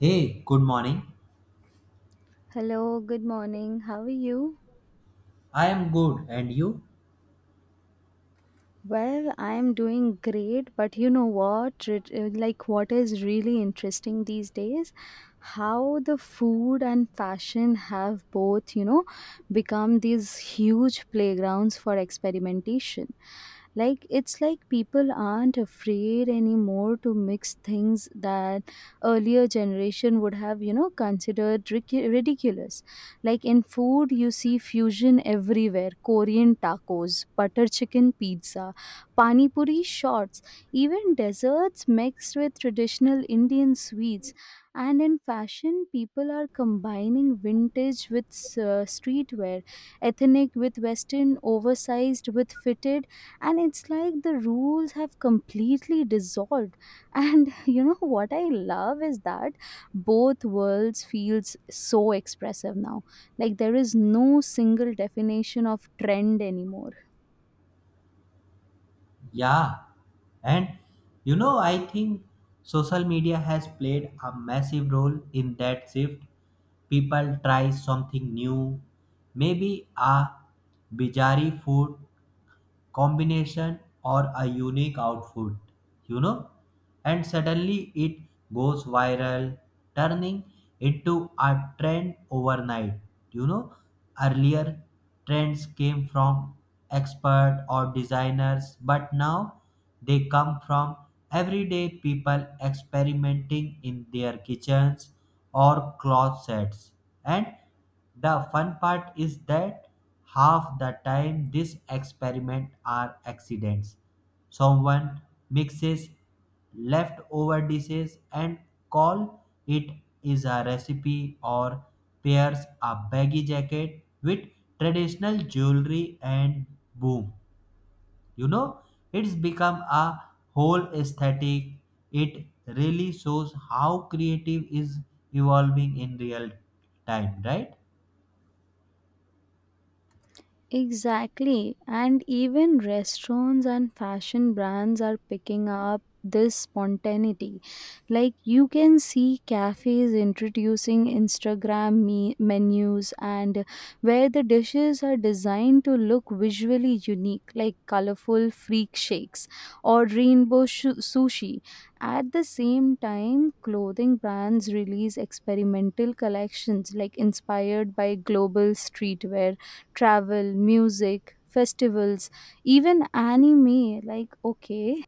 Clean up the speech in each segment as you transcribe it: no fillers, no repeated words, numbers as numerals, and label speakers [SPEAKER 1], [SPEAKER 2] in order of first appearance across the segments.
[SPEAKER 1] Hey, good morning.
[SPEAKER 2] Hello, good morning. How are you?
[SPEAKER 1] I am good. And you?
[SPEAKER 2] Well, I am doing great, but you know what? Like, what is really interesting these days? How the food and fashion have both, you know, become these huge playgrounds for experimentation. It's like people aren't afraid anymore to mix things that earlier generation would have, you know, considered ridiculous. Like, in food you see fusion everywhere: Korean tacos, butter chicken pizza, pani puri shots, even desserts mixed with traditional Indian sweets. And in fashion people are combining vintage with streetwear, ethnic with western, oversized with fitted, and it's like the rules have completely dissolved. And you know what I love is that both worlds feels so expressive now. Like, there is no single definition of trend anymore.
[SPEAKER 1] Yeah. And you know, I think social media has played a massive role in that shift. People try something new, maybe a bizarre food combination or a unique outfit, you know? And suddenly it goes viral, turning into a trend overnight. You know, earlier trends came from expert or designers, but now they come from everyday people experimenting in their kitchens or closets. And the fun part is that half the time these experiments are accidents. Someone mixes leftover dishes and call it is a recipe, or pairs a baggy jacket with traditional jewelry and boom, you know, it's become a whole aesthetic. It really shows how creative is evolving in real time, right?
[SPEAKER 2] Exactly. And even restaurants and fashion brands are picking up this spontaneity. Like, you can see cafes introducing Instagram menus and where the dishes are designed to look visually unique, like colorful freak shakes or rainbow shu sushi. At the same time, clothing brands release experimental collections like inspired by global streetwear, travel, music, festivals, even anime. Like, okay,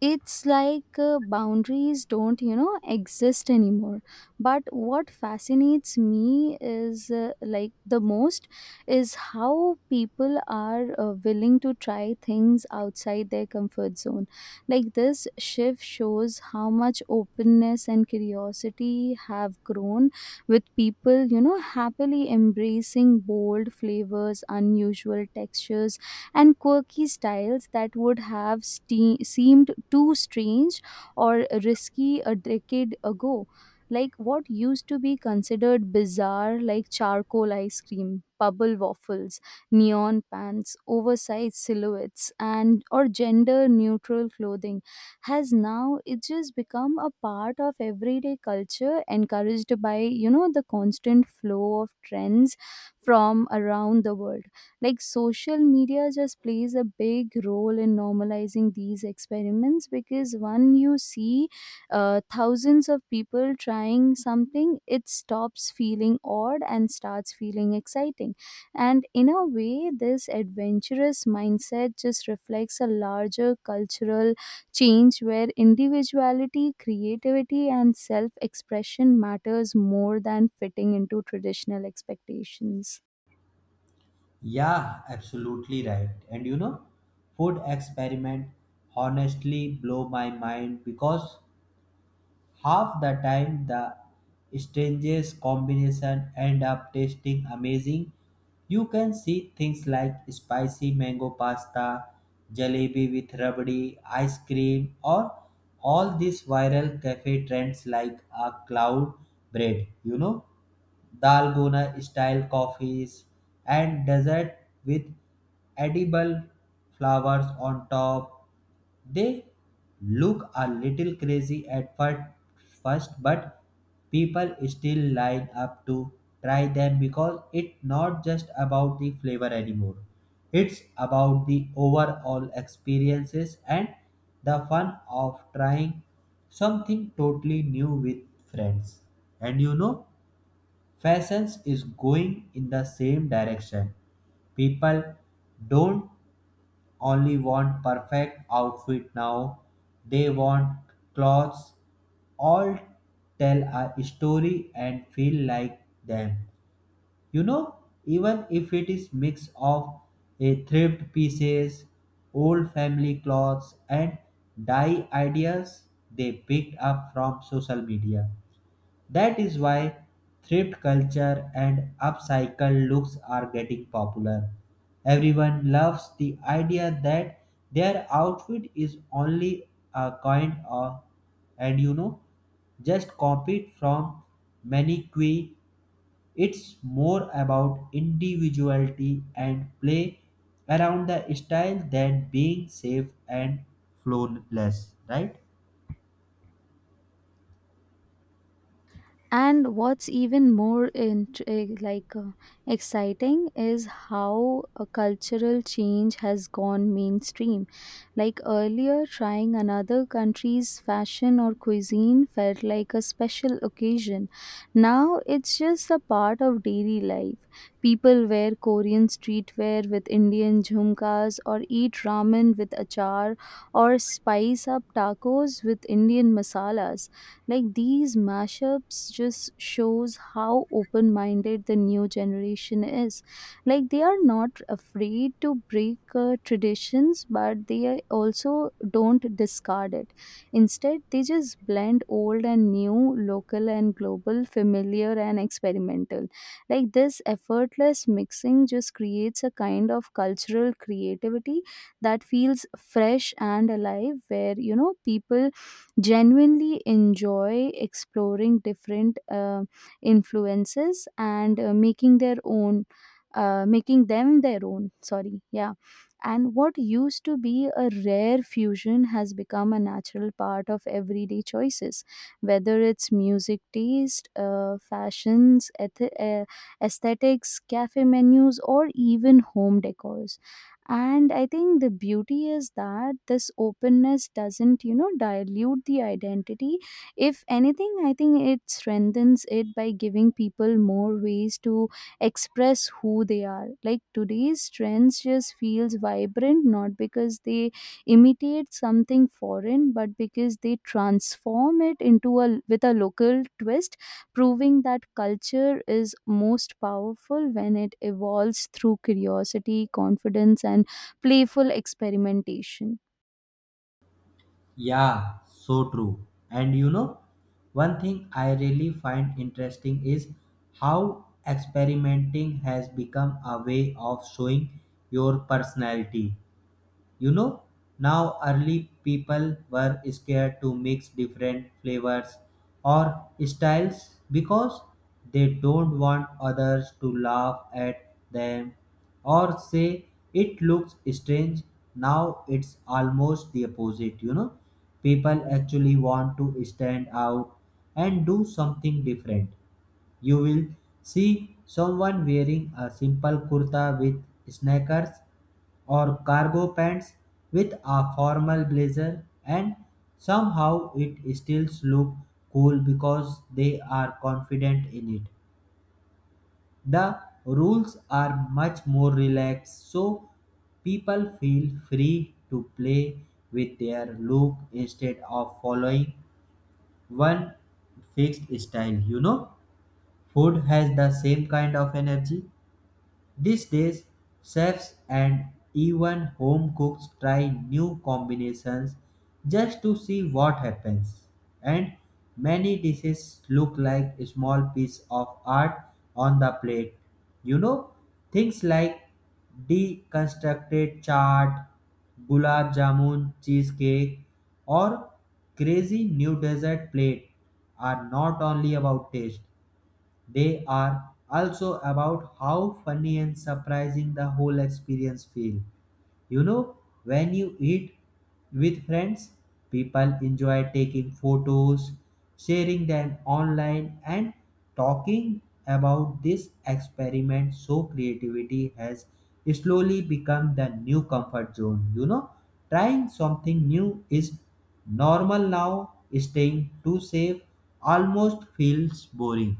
[SPEAKER 2] it's like, boundaries don't, you know, exist anymore. But what fascinates me is, like, the most is how people are willing to try things outside their comfort zone. Like, this shift shows how much openness and curiosity have grown, with people, you know, happily embracing bold flavors, unusual textures, and quirky styles that would have seemed too strange or risky a decade ago. Like, what used to be considered bizarre, like charcoal ice cream, bubble waffles, neon pants, oversized silhouettes, and or gender neutral clothing, has now it just become a part of everyday culture, encouraged by, you know, the constant flow of trends from around the world. Like, social media just plays a big role in normalizing these experiments, because when you see thousands of people trying something, it stops feeling odd and starts feeling exciting. And in a way, this adventurous mindset just reflects a larger cultural change where individuality, creativity, and self expression matters more than fitting into traditional expectations.
[SPEAKER 1] Yeah, absolutely right. And you know, food experiment honestly blow my mind because half the time the strangest combination end up tasting amazing. You can see things like spicy mango pasta, jalebi with rabdi, ice cream, or all these viral cafe trends like a cloud bread, you know, dalgona style coffees, and dessert with edible flowers on top. They look a little crazy at first, but people still line up to try them because it's not just about the flavor anymore. It's about the overall experiences and the fun of trying something totally new with friends. And you know, fashions is going in the same direction. People don't only want perfect outfit now, they want clothes all tell a story and feel like them. You know, even if it is mix of a thrift pieces, old family clothes and dye ideas they picked up from social media. That is why thrift culture and upcycle looks are getting popular. Everyone loves the idea that their outfit is only a coin or, and you know, just copied from Maniqui. It's more about individuality and play around the style than being safe and flawless, right?
[SPEAKER 2] And what's even more exciting is how a cultural change has gone mainstream. Like, earlier, trying another country's fashion or cuisine felt like a special occasion. Now it's just a part of daily life. People wear Korean streetwear with Indian jhumkas, or eat ramen with achar, or spice up tacos with Indian masalas. Like, these mashups just shows how open-minded the new generation is. Like, they are not afraid to break traditions, but they also don't discard it. Instead, they just blend old and new, local and global, familiar and experimental. Like, this effortless mixing just creates a kind of cultural creativity that feels fresh and alive, where, you know, people genuinely enjoy exploring different influences and making their own making them their own, sorry, yeah. And what used to be a rare fusion has become a natural part of everyday choices, whether it's music taste, fashions, aesthetics, cafe menus, or even home decors. And I think the beauty is that this openness doesn't, you know, dilute the identity. If anything, I think it strengthens it by giving people more ways to express who they are. Like, today's trends just feels vibrant, not because they imitate something foreign, but because they transform it into a with a local twist, proving that culture is most powerful when it evolves through curiosity, confidence, and playful experimentation.
[SPEAKER 1] Yeah, so true. And you know, one thing I really find interesting is how experimenting has become a way of showing your personality. You know, now early people were scared to mix different flavors or styles because they don't want others to laugh at them or say it looks strange. Now it's almost the opposite, you know. People actually want to stand out and do something different. You will see someone wearing a simple kurta with sneakers or cargo pants with a formal blazer, and somehow it still looks cool because they are confident in it. The rules are much more relaxed, so people feel free to play with their look instead of following one fixed style. You know, food has the same kind of energy. These days, chefs and even home cooks try new combinations just to see what happens. And many dishes look like a small piece of art on the plate. You know, things like deconstructed chaat, gulab jamun cheesecake, or crazy new dessert plate are not only about taste, they are also about how funny and surprising the whole experience feel. You know, when you eat with friends, people enjoy taking photos, sharing them online and talking about this experiment, so creativity has slowly become the new comfort zone. You know, trying something new is normal now, staying too safe almost feels boring.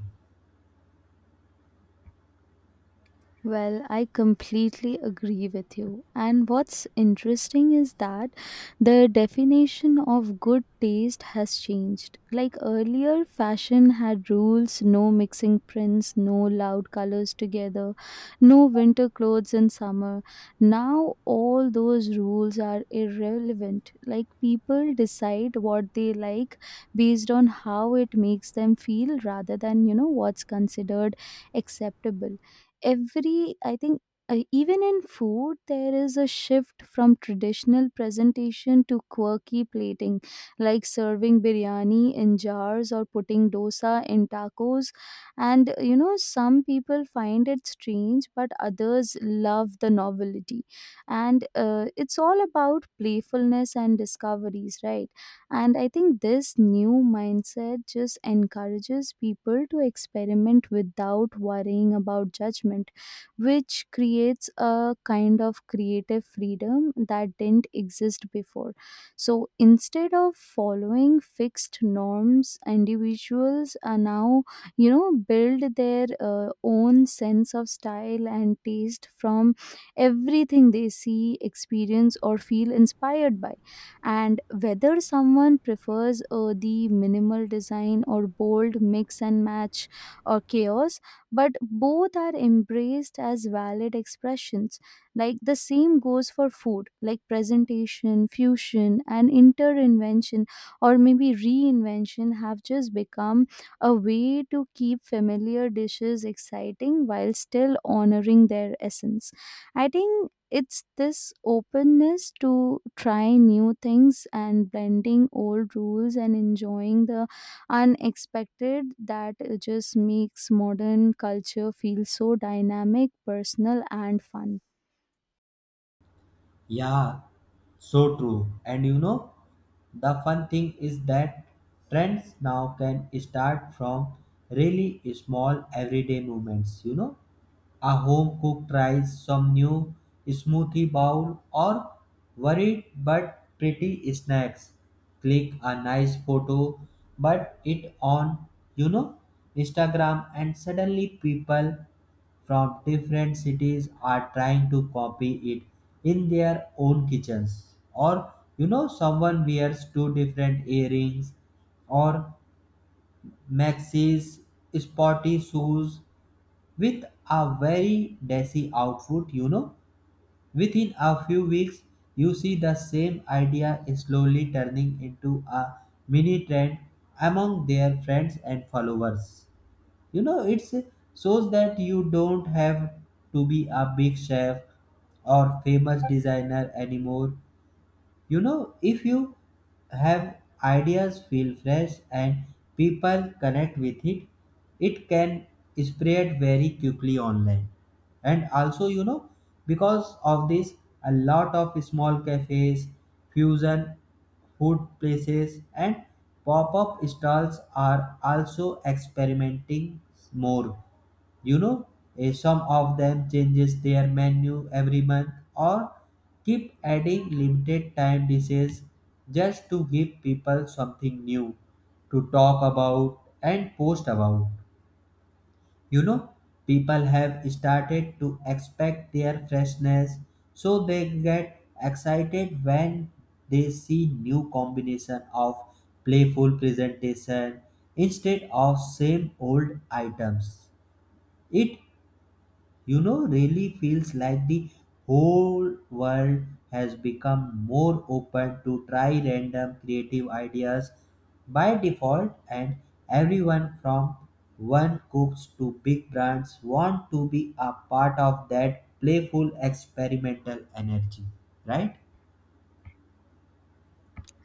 [SPEAKER 2] Well, I completely agree with you. And what's interesting is that the definition of good taste has changed. Like earlier, fashion had rules: no mixing prints, no loud colors together, no winter clothes in summer. Now, all those rules are irrelevant. Like, people decide what they like based on how it makes them feel rather than, you know, what's considered acceptable every I think. Even in food there is a shift from traditional presentation to quirky plating, like serving biryani in jars or putting dosa in tacos. And, you know, some people find it strange but others love the novelty, and it's all about playfulness and discoveries, right? And I think this new mindset just encourages people to experiment without worrying about judgment, which creates a kind of creative freedom that didn't exist before. So instead of following fixed norms, individuals are now, you know, build their own sense of style and taste from everything they see, experience, or feel inspired by. And whether someone prefers the minimal design, or bold mix and match, or chaos, but both are embraced as valid expressions. Like, the same goes for food, like presentation, fusion, and interinvention or maybe reinvention have just become a way to keep familiar dishes exciting while still honoring their essence. I think it's this openness to try new things and blending old rules and enjoying the unexpected that just makes modern culture feel so dynamic, personal, and fun.
[SPEAKER 1] Yeah, so true. And you know, the fun thing is that trends now can start from really small everyday movements. You know, a home cook tries some new smoothie bowl or worried but pretty snacks. Click a nice photo, but it on, you know, Instagram, and suddenly people from different cities are trying to copy it in their own kitchens. Or you know, someone wears two different earrings or maxis sporty shoes with a very desi outfit. You know, within a few weeks you see the same idea is slowly turning into a mini trend among their friends and followers. You know, it's shows that you don't have to be a big chef or famous designer anymore. You know, if you have ideas feel fresh and people connect with it, it can spread very quickly online. And also you know, because of this a lot of small cafes, fusion food places and pop-up stalls are also experimenting more. You know, some of them changes their menu every month or keep adding limited time dishes just to give people something new to talk about and post about. You know, people have started to expect their freshness, so they get excited when they see new combination of playful presentation instead of same old items. It, you know, really feels like the whole world has become more open to try random creative ideas by default, and everyone from one cooks to big brands want to be a part of that playful experimental energy, right?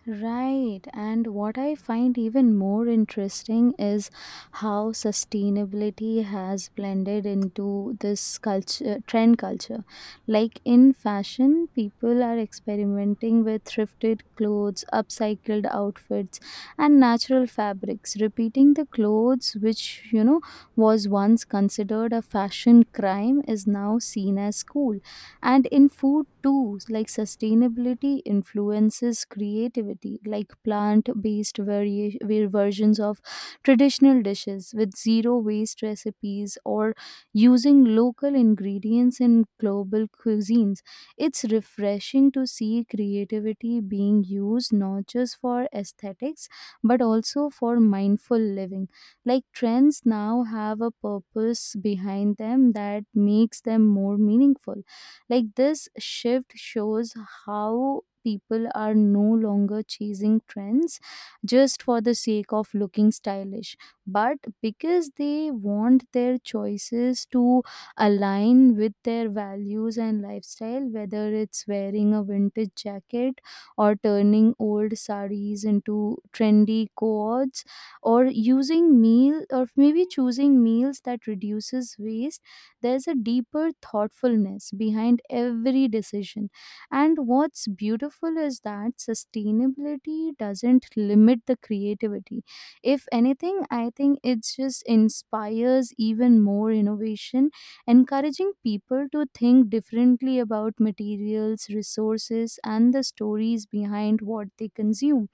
[SPEAKER 2] Right. And what I find even more interesting is how sustainability has blended into this culture, trend culture. Like, in fashion, people are experimenting with thrifted clothes, upcycled outfits, and natural fabrics. Repeating the clothes, which, you know, was once considered a fashion crime, is now seen as cool. And in food too, like sustainability influences creativity, like plant-based versions of traditional dishes with zero waste recipes, or using local ingredients in global cuisines. It's refreshing to see creativity being used not just for aesthetics but also for mindful living. Like, trends now have a purpose behind them that makes them more meaningful. Like, this shift shows how people are no longer chasing trends just for the sake of looking stylish, but because they want their choices to align with their values and lifestyle, whether it's wearing a vintage jacket, or turning old saris into trendy coats, or using meal or maybe choosing meals that reduces waste. There's a deeper thoughtfulness behind every decision. And what's beautiful is that sustainability doesn't limit the creativity. If anything, I think it just inspires even more innovation, encouraging people to think differently about materials, resources, and the stories behind what they consume.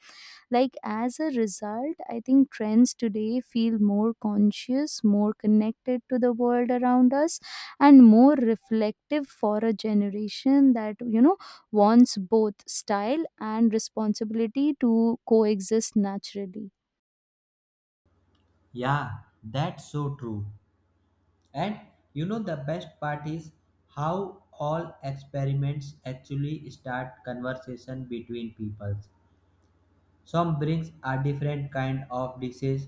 [SPEAKER 2] Like, as a result, I think trends today feel more conscious, more connected to the world around us, and more reflective for a generation that, you know, wants both style and responsibility to coexist naturally.
[SPEAKER 1] Yeah, that's so true. And you know, the best part is how all experiments actually start conversation between people. Some brings a different kind of dishes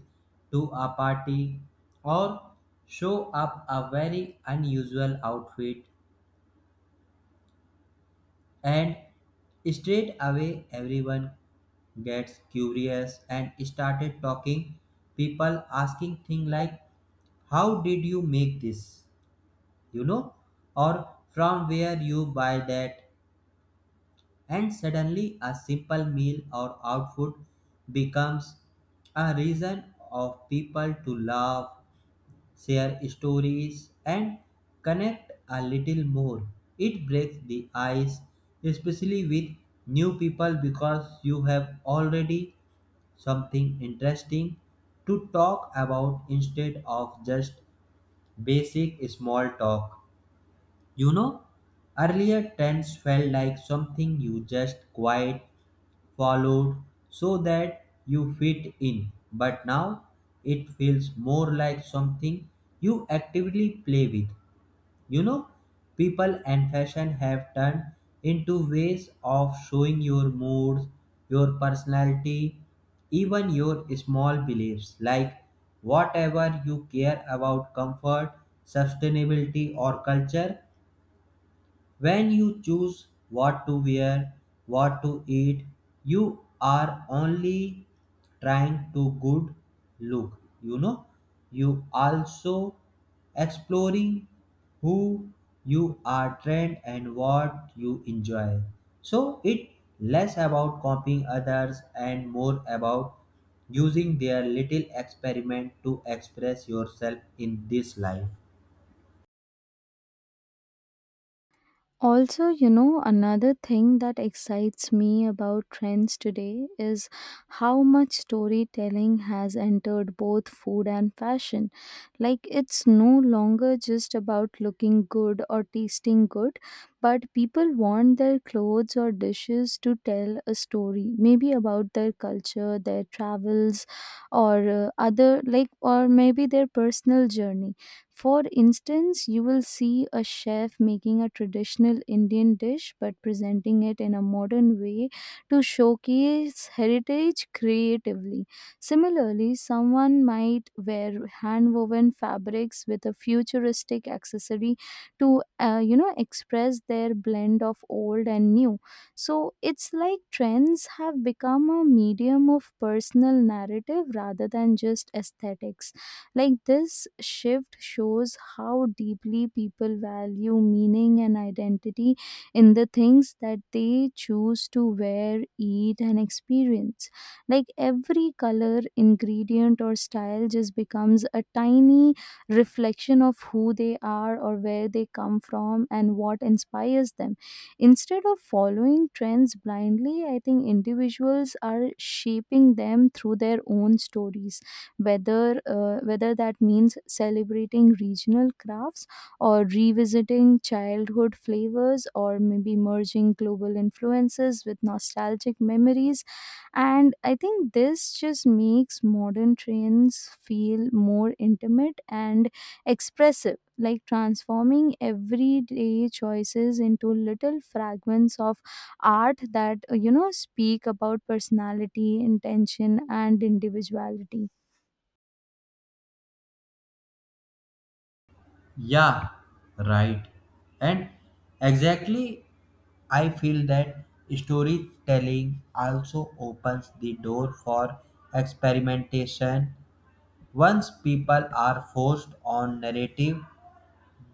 [SPEAKER 1] to a party or show up a very unusual outfit, and straight away everyone gets curious and started talking. People asking things like how did you make this, you know, or from where you buy that. And suddenly, a simple meal or outfit becomes a reason of people to laugh, share stories, and connect a little more. It breaks the ice, especially with new people, because you have already something interesting to talk about instead of just basic small talk. You know, earlier trends felt like something you just quiet followed so that you fit in. But now it feels more like something you actively play with. You know, people and fashion have turned into ways of showing your moods, your personality, even your small beliefs like whatever you care about, comfort, sustainability, or culture. When you choose what to wear, what to eat, you are only trying to good look, you know. You also exploring who you are trained and what you enjoy. So it less about copying others and more about using their little experiment to express yourself in this life.
[SPEAKER 2] Also, you know, another thing that excites me about trends today is how much storytelling has entered both food and fashion. Like, it's no longer just about looking good or tasting good, but people want their clothes or dishes to tell a story, maybe about their culture, their travels, or other, like, or maybe their personal journey. For instance, you will see a chef making a traditional Indian dish but presenting it in a modern way to showcase heritage creatively. Similarly, someone might wear hand-woven fabrics with a futuristic accessory to, you know, express their blend of old and new. So, it's like trends have become a medium of personal narrative rather than just aesthetics. Like, this shift shows how deeply people value meaning and identity in the things that they choose to wear, eat, and experience. Like, every color, ingredient, or style just becomes a tiny reflection of who they are or where they come from and what inspires them. Instead of following trends blindly, I think individuals are shaping them through their own stories, whether whether that means celebrating regional crafts, or revisiting childhood flavors, or maybe merging global influences with nostalgic memories. And I think this just makes modern trends feel more intimate and expressive, like transforming everyday choices into little fragments of art that, you know, speak about personality, intention, and individuality.
[SPEAKER 1] Yeah, right. And exactly, I feel that storytelling also opens the door for experimentation. Once people are forced on narrative,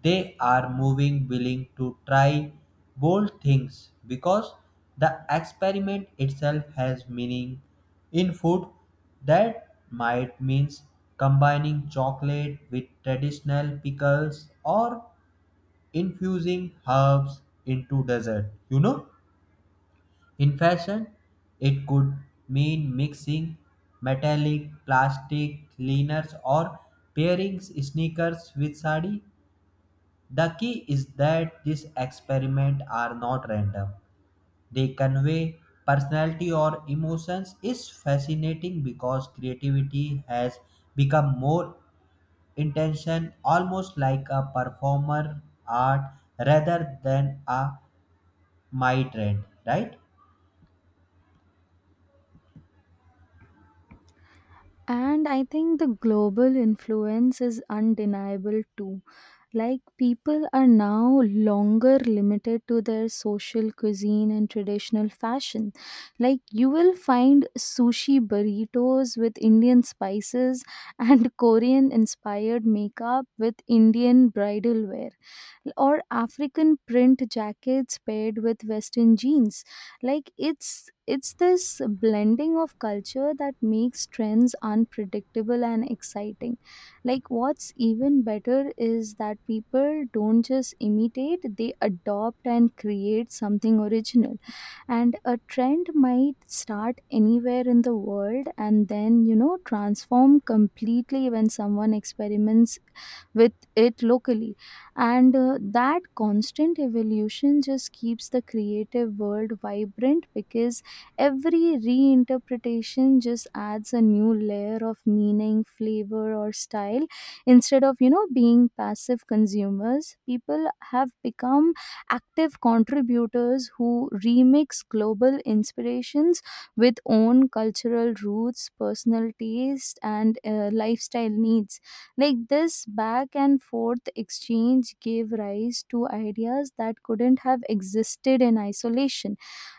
[SPEAKER 1] they are moving willing to try bold things because the experiment itself has meaning. In food, that might means combining chocolate with traditional pickles or infusing herbs into dessert. You know, in fashion, it could mean mixing metallic, plastic, liners, or pairing sneakers with sari. The key is that these experiments are not random. They convey personality or emotions is fascinating because creativity has become more intention, almost like a performer art rather than a my trend, right?
[SPEAKER 2] And I think the global influence is undeniable too. Like, people are now longer limited to their social cuisine and traditional fashion. Like, you will find sushi burritos with Indian spices and Korean inspired makeup with Indian bridal wear, or African print jackets paired with Western jeans. Like, it's this blending of culture that makes trends unpredictable and exciting. Like, what's even better is that people don't just imitate, they adopt and create something original. And a trend might start anywhere in the world and then, you know, transform completely when someone experiments with it locally. And that constant evolution just keeps the creative world vibrant, because every reinterpretation just adds a new layer of meaning, flavor, or style. Instead of, you know, being passive consumers, people have become active contributors who remix global inspirations with own cultural roots, personal taste, and lifestyle needs. Like, this back and forth exchange gave rise to ideas that couldn't have existed in isolation,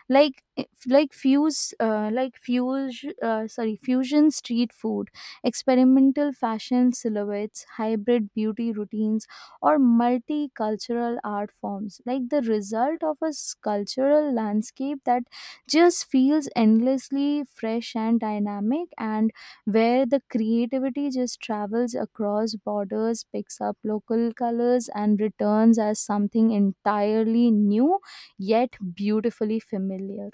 [SPEAKER 2] like like fuse sorry fusion street food, experimental fashion silhouettes, hybrid beauty routines, or multicultural art forms, like the result of a cultural landscape that just feels endlessly fresh and dynamic, and where the creativity just travels across borders, picks up local colors, and returns as something entirely new yet beautifully familiar.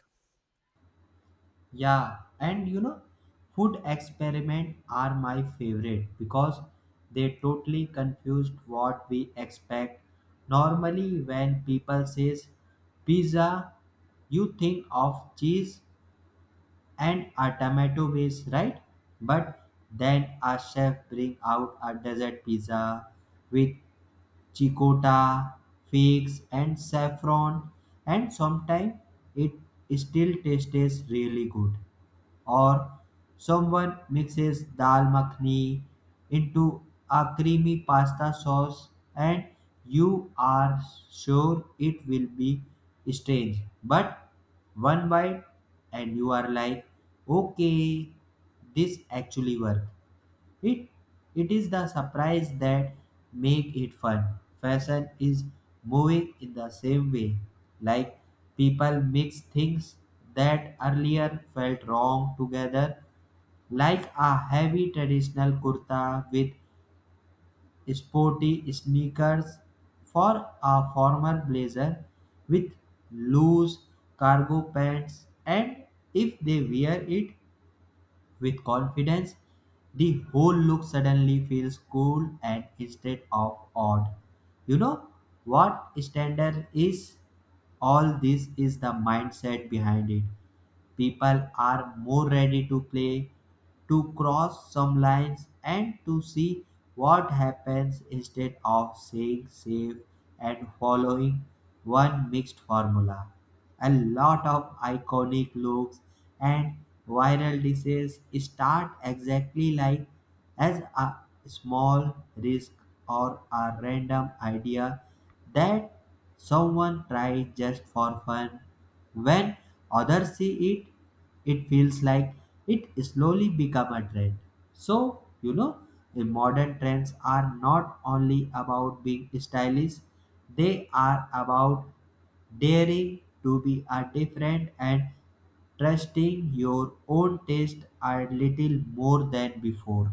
[SPEAKER 1] Yeah, and you know, food experiment are my favorite because they totally confused what we expect. Normally, when people says pizza, you think of cheese and a tomato base, right? But then a chef bring out a dessert pizza with ricotta, figs, and saffron, and sometimes it still tastes really good. Or someone mixes dal makhni into a creamy pasta sauce, and you are sure it will be strange. But one bite, and you are like, okay, this actually worked. It it is the surprise that make it fun. Fashion is moving in the same way. Like people mix things that earlier felt wrong together, like a heavy traditional kurta with sporty sneakers for a formal blazer with loose cargo pants, and if they wear it with confidence, the whole look suddenly feels cool and instead of odd. You know what standard is? All this is the mindset behind it. People are more ready to play, to cross some lines, and to see what happens instead of saying safe and following one mixed formula. A lot of iconic looks and viral dishes start exactly like as a small risk or a random idea that someone tried just for fun. When others see it, it feels like it slowly become a trend. So, you know, the modern trends are not only about being stylish, they are about daring to be a different and trusting your own taste a little more than before.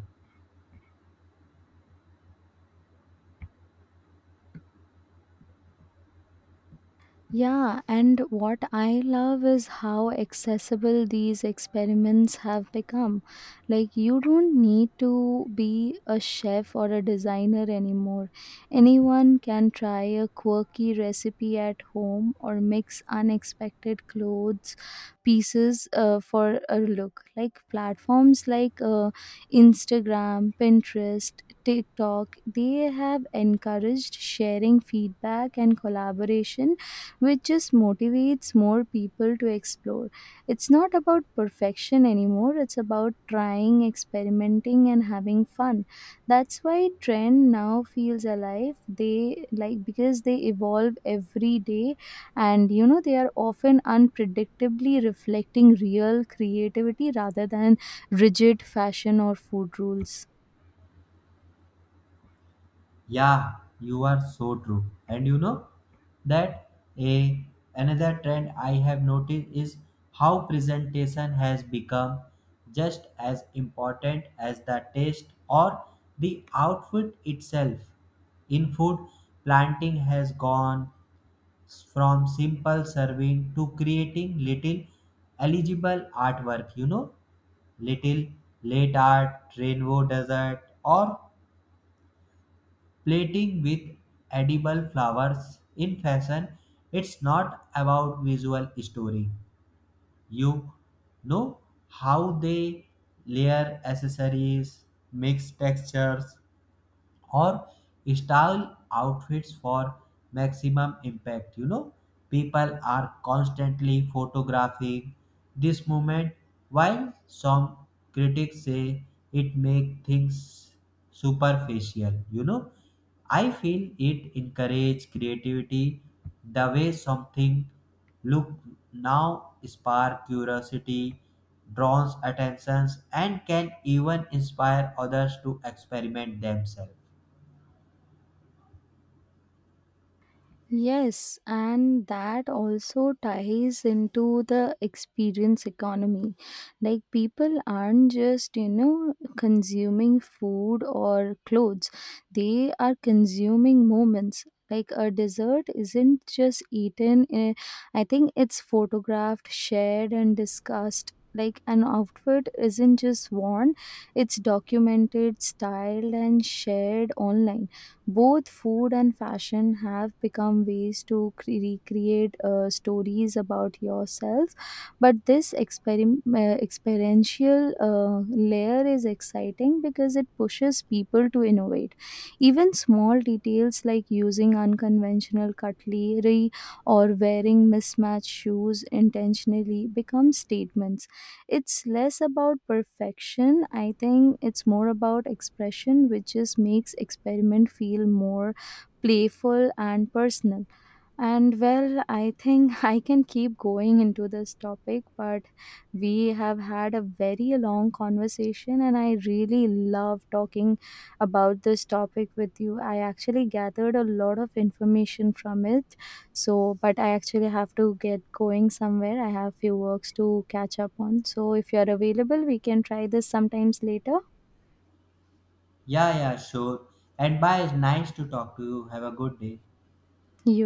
[SPEAKER 2] Yeah, and what I love is how accessible these experiments have become. Like, you don't need to be a chef or a designer anymore. Anyone can try a quirky recipe at home or mix unexpected clothes pieces for a look. Like, platforms like Instagram, Pinterest, TikTok, they have encouraged sharing, feedback, and collaboration, which just motivates more people to explore. It's not about perfection anymore, it's about trying, experimenting, and having fun. That's why trend now feels alive. They like because they evolve every day, and, you know, they are often unpredictably reflecting real creativity rather than rigid fashion or food rules.
[SPEAKER 1] Yeah, you are so true. And you know that a another trend I have noticed is how presentation has become just as important as the taste or the outfit itself. In food, planting has gone from simple serving to creating little eligible artwork, you know, little late art, rainbow desert, or plating with edible flowers. In fashion it's not about visual story, you know, how they layer accessories, mix textures, or style outfits for maximum impact. You know, people are constantly photographing this moment, while some critics say it makes things superficial. You know, I feel it encourage creativity. The way something look now spark curiosity, draws attentions and can even inspire others to experiment themselves.
[SPEAKER 2] Yes, and that also ties into the experience economy. Like, people aren't just, you know, consuming food or clothes, they are consuming moments. Like, a dessert isn't just eaten, I think it's photographed, shared, and discussed. Like, an outfit isn't just worn, it's documented, styled, and shared online. Both food and fashion have become ways to recreate stories about yourself, but this experiential layer is exciting because it pushes people to innovate. Even small details like using unconventional cutlery or wearing mismatched shoes intentionally become statements. It's less about perfection, I think it's more about expression, which just makes experiment feel more playful and personal. And well, I think I can keep going into this topic, but we have had a very long conversation, and I really love talking about this topic with you. I actually gathered a lot of information from it. So, but I actually have to get going somewhere. I have few works to catch up on. So, if you're available, we can try this sometimes later.
[SPEAKER 1] Yeah, yeah, sure. And bye. It's nice to talk to you. Have a good day.
[SPEAKER 2] You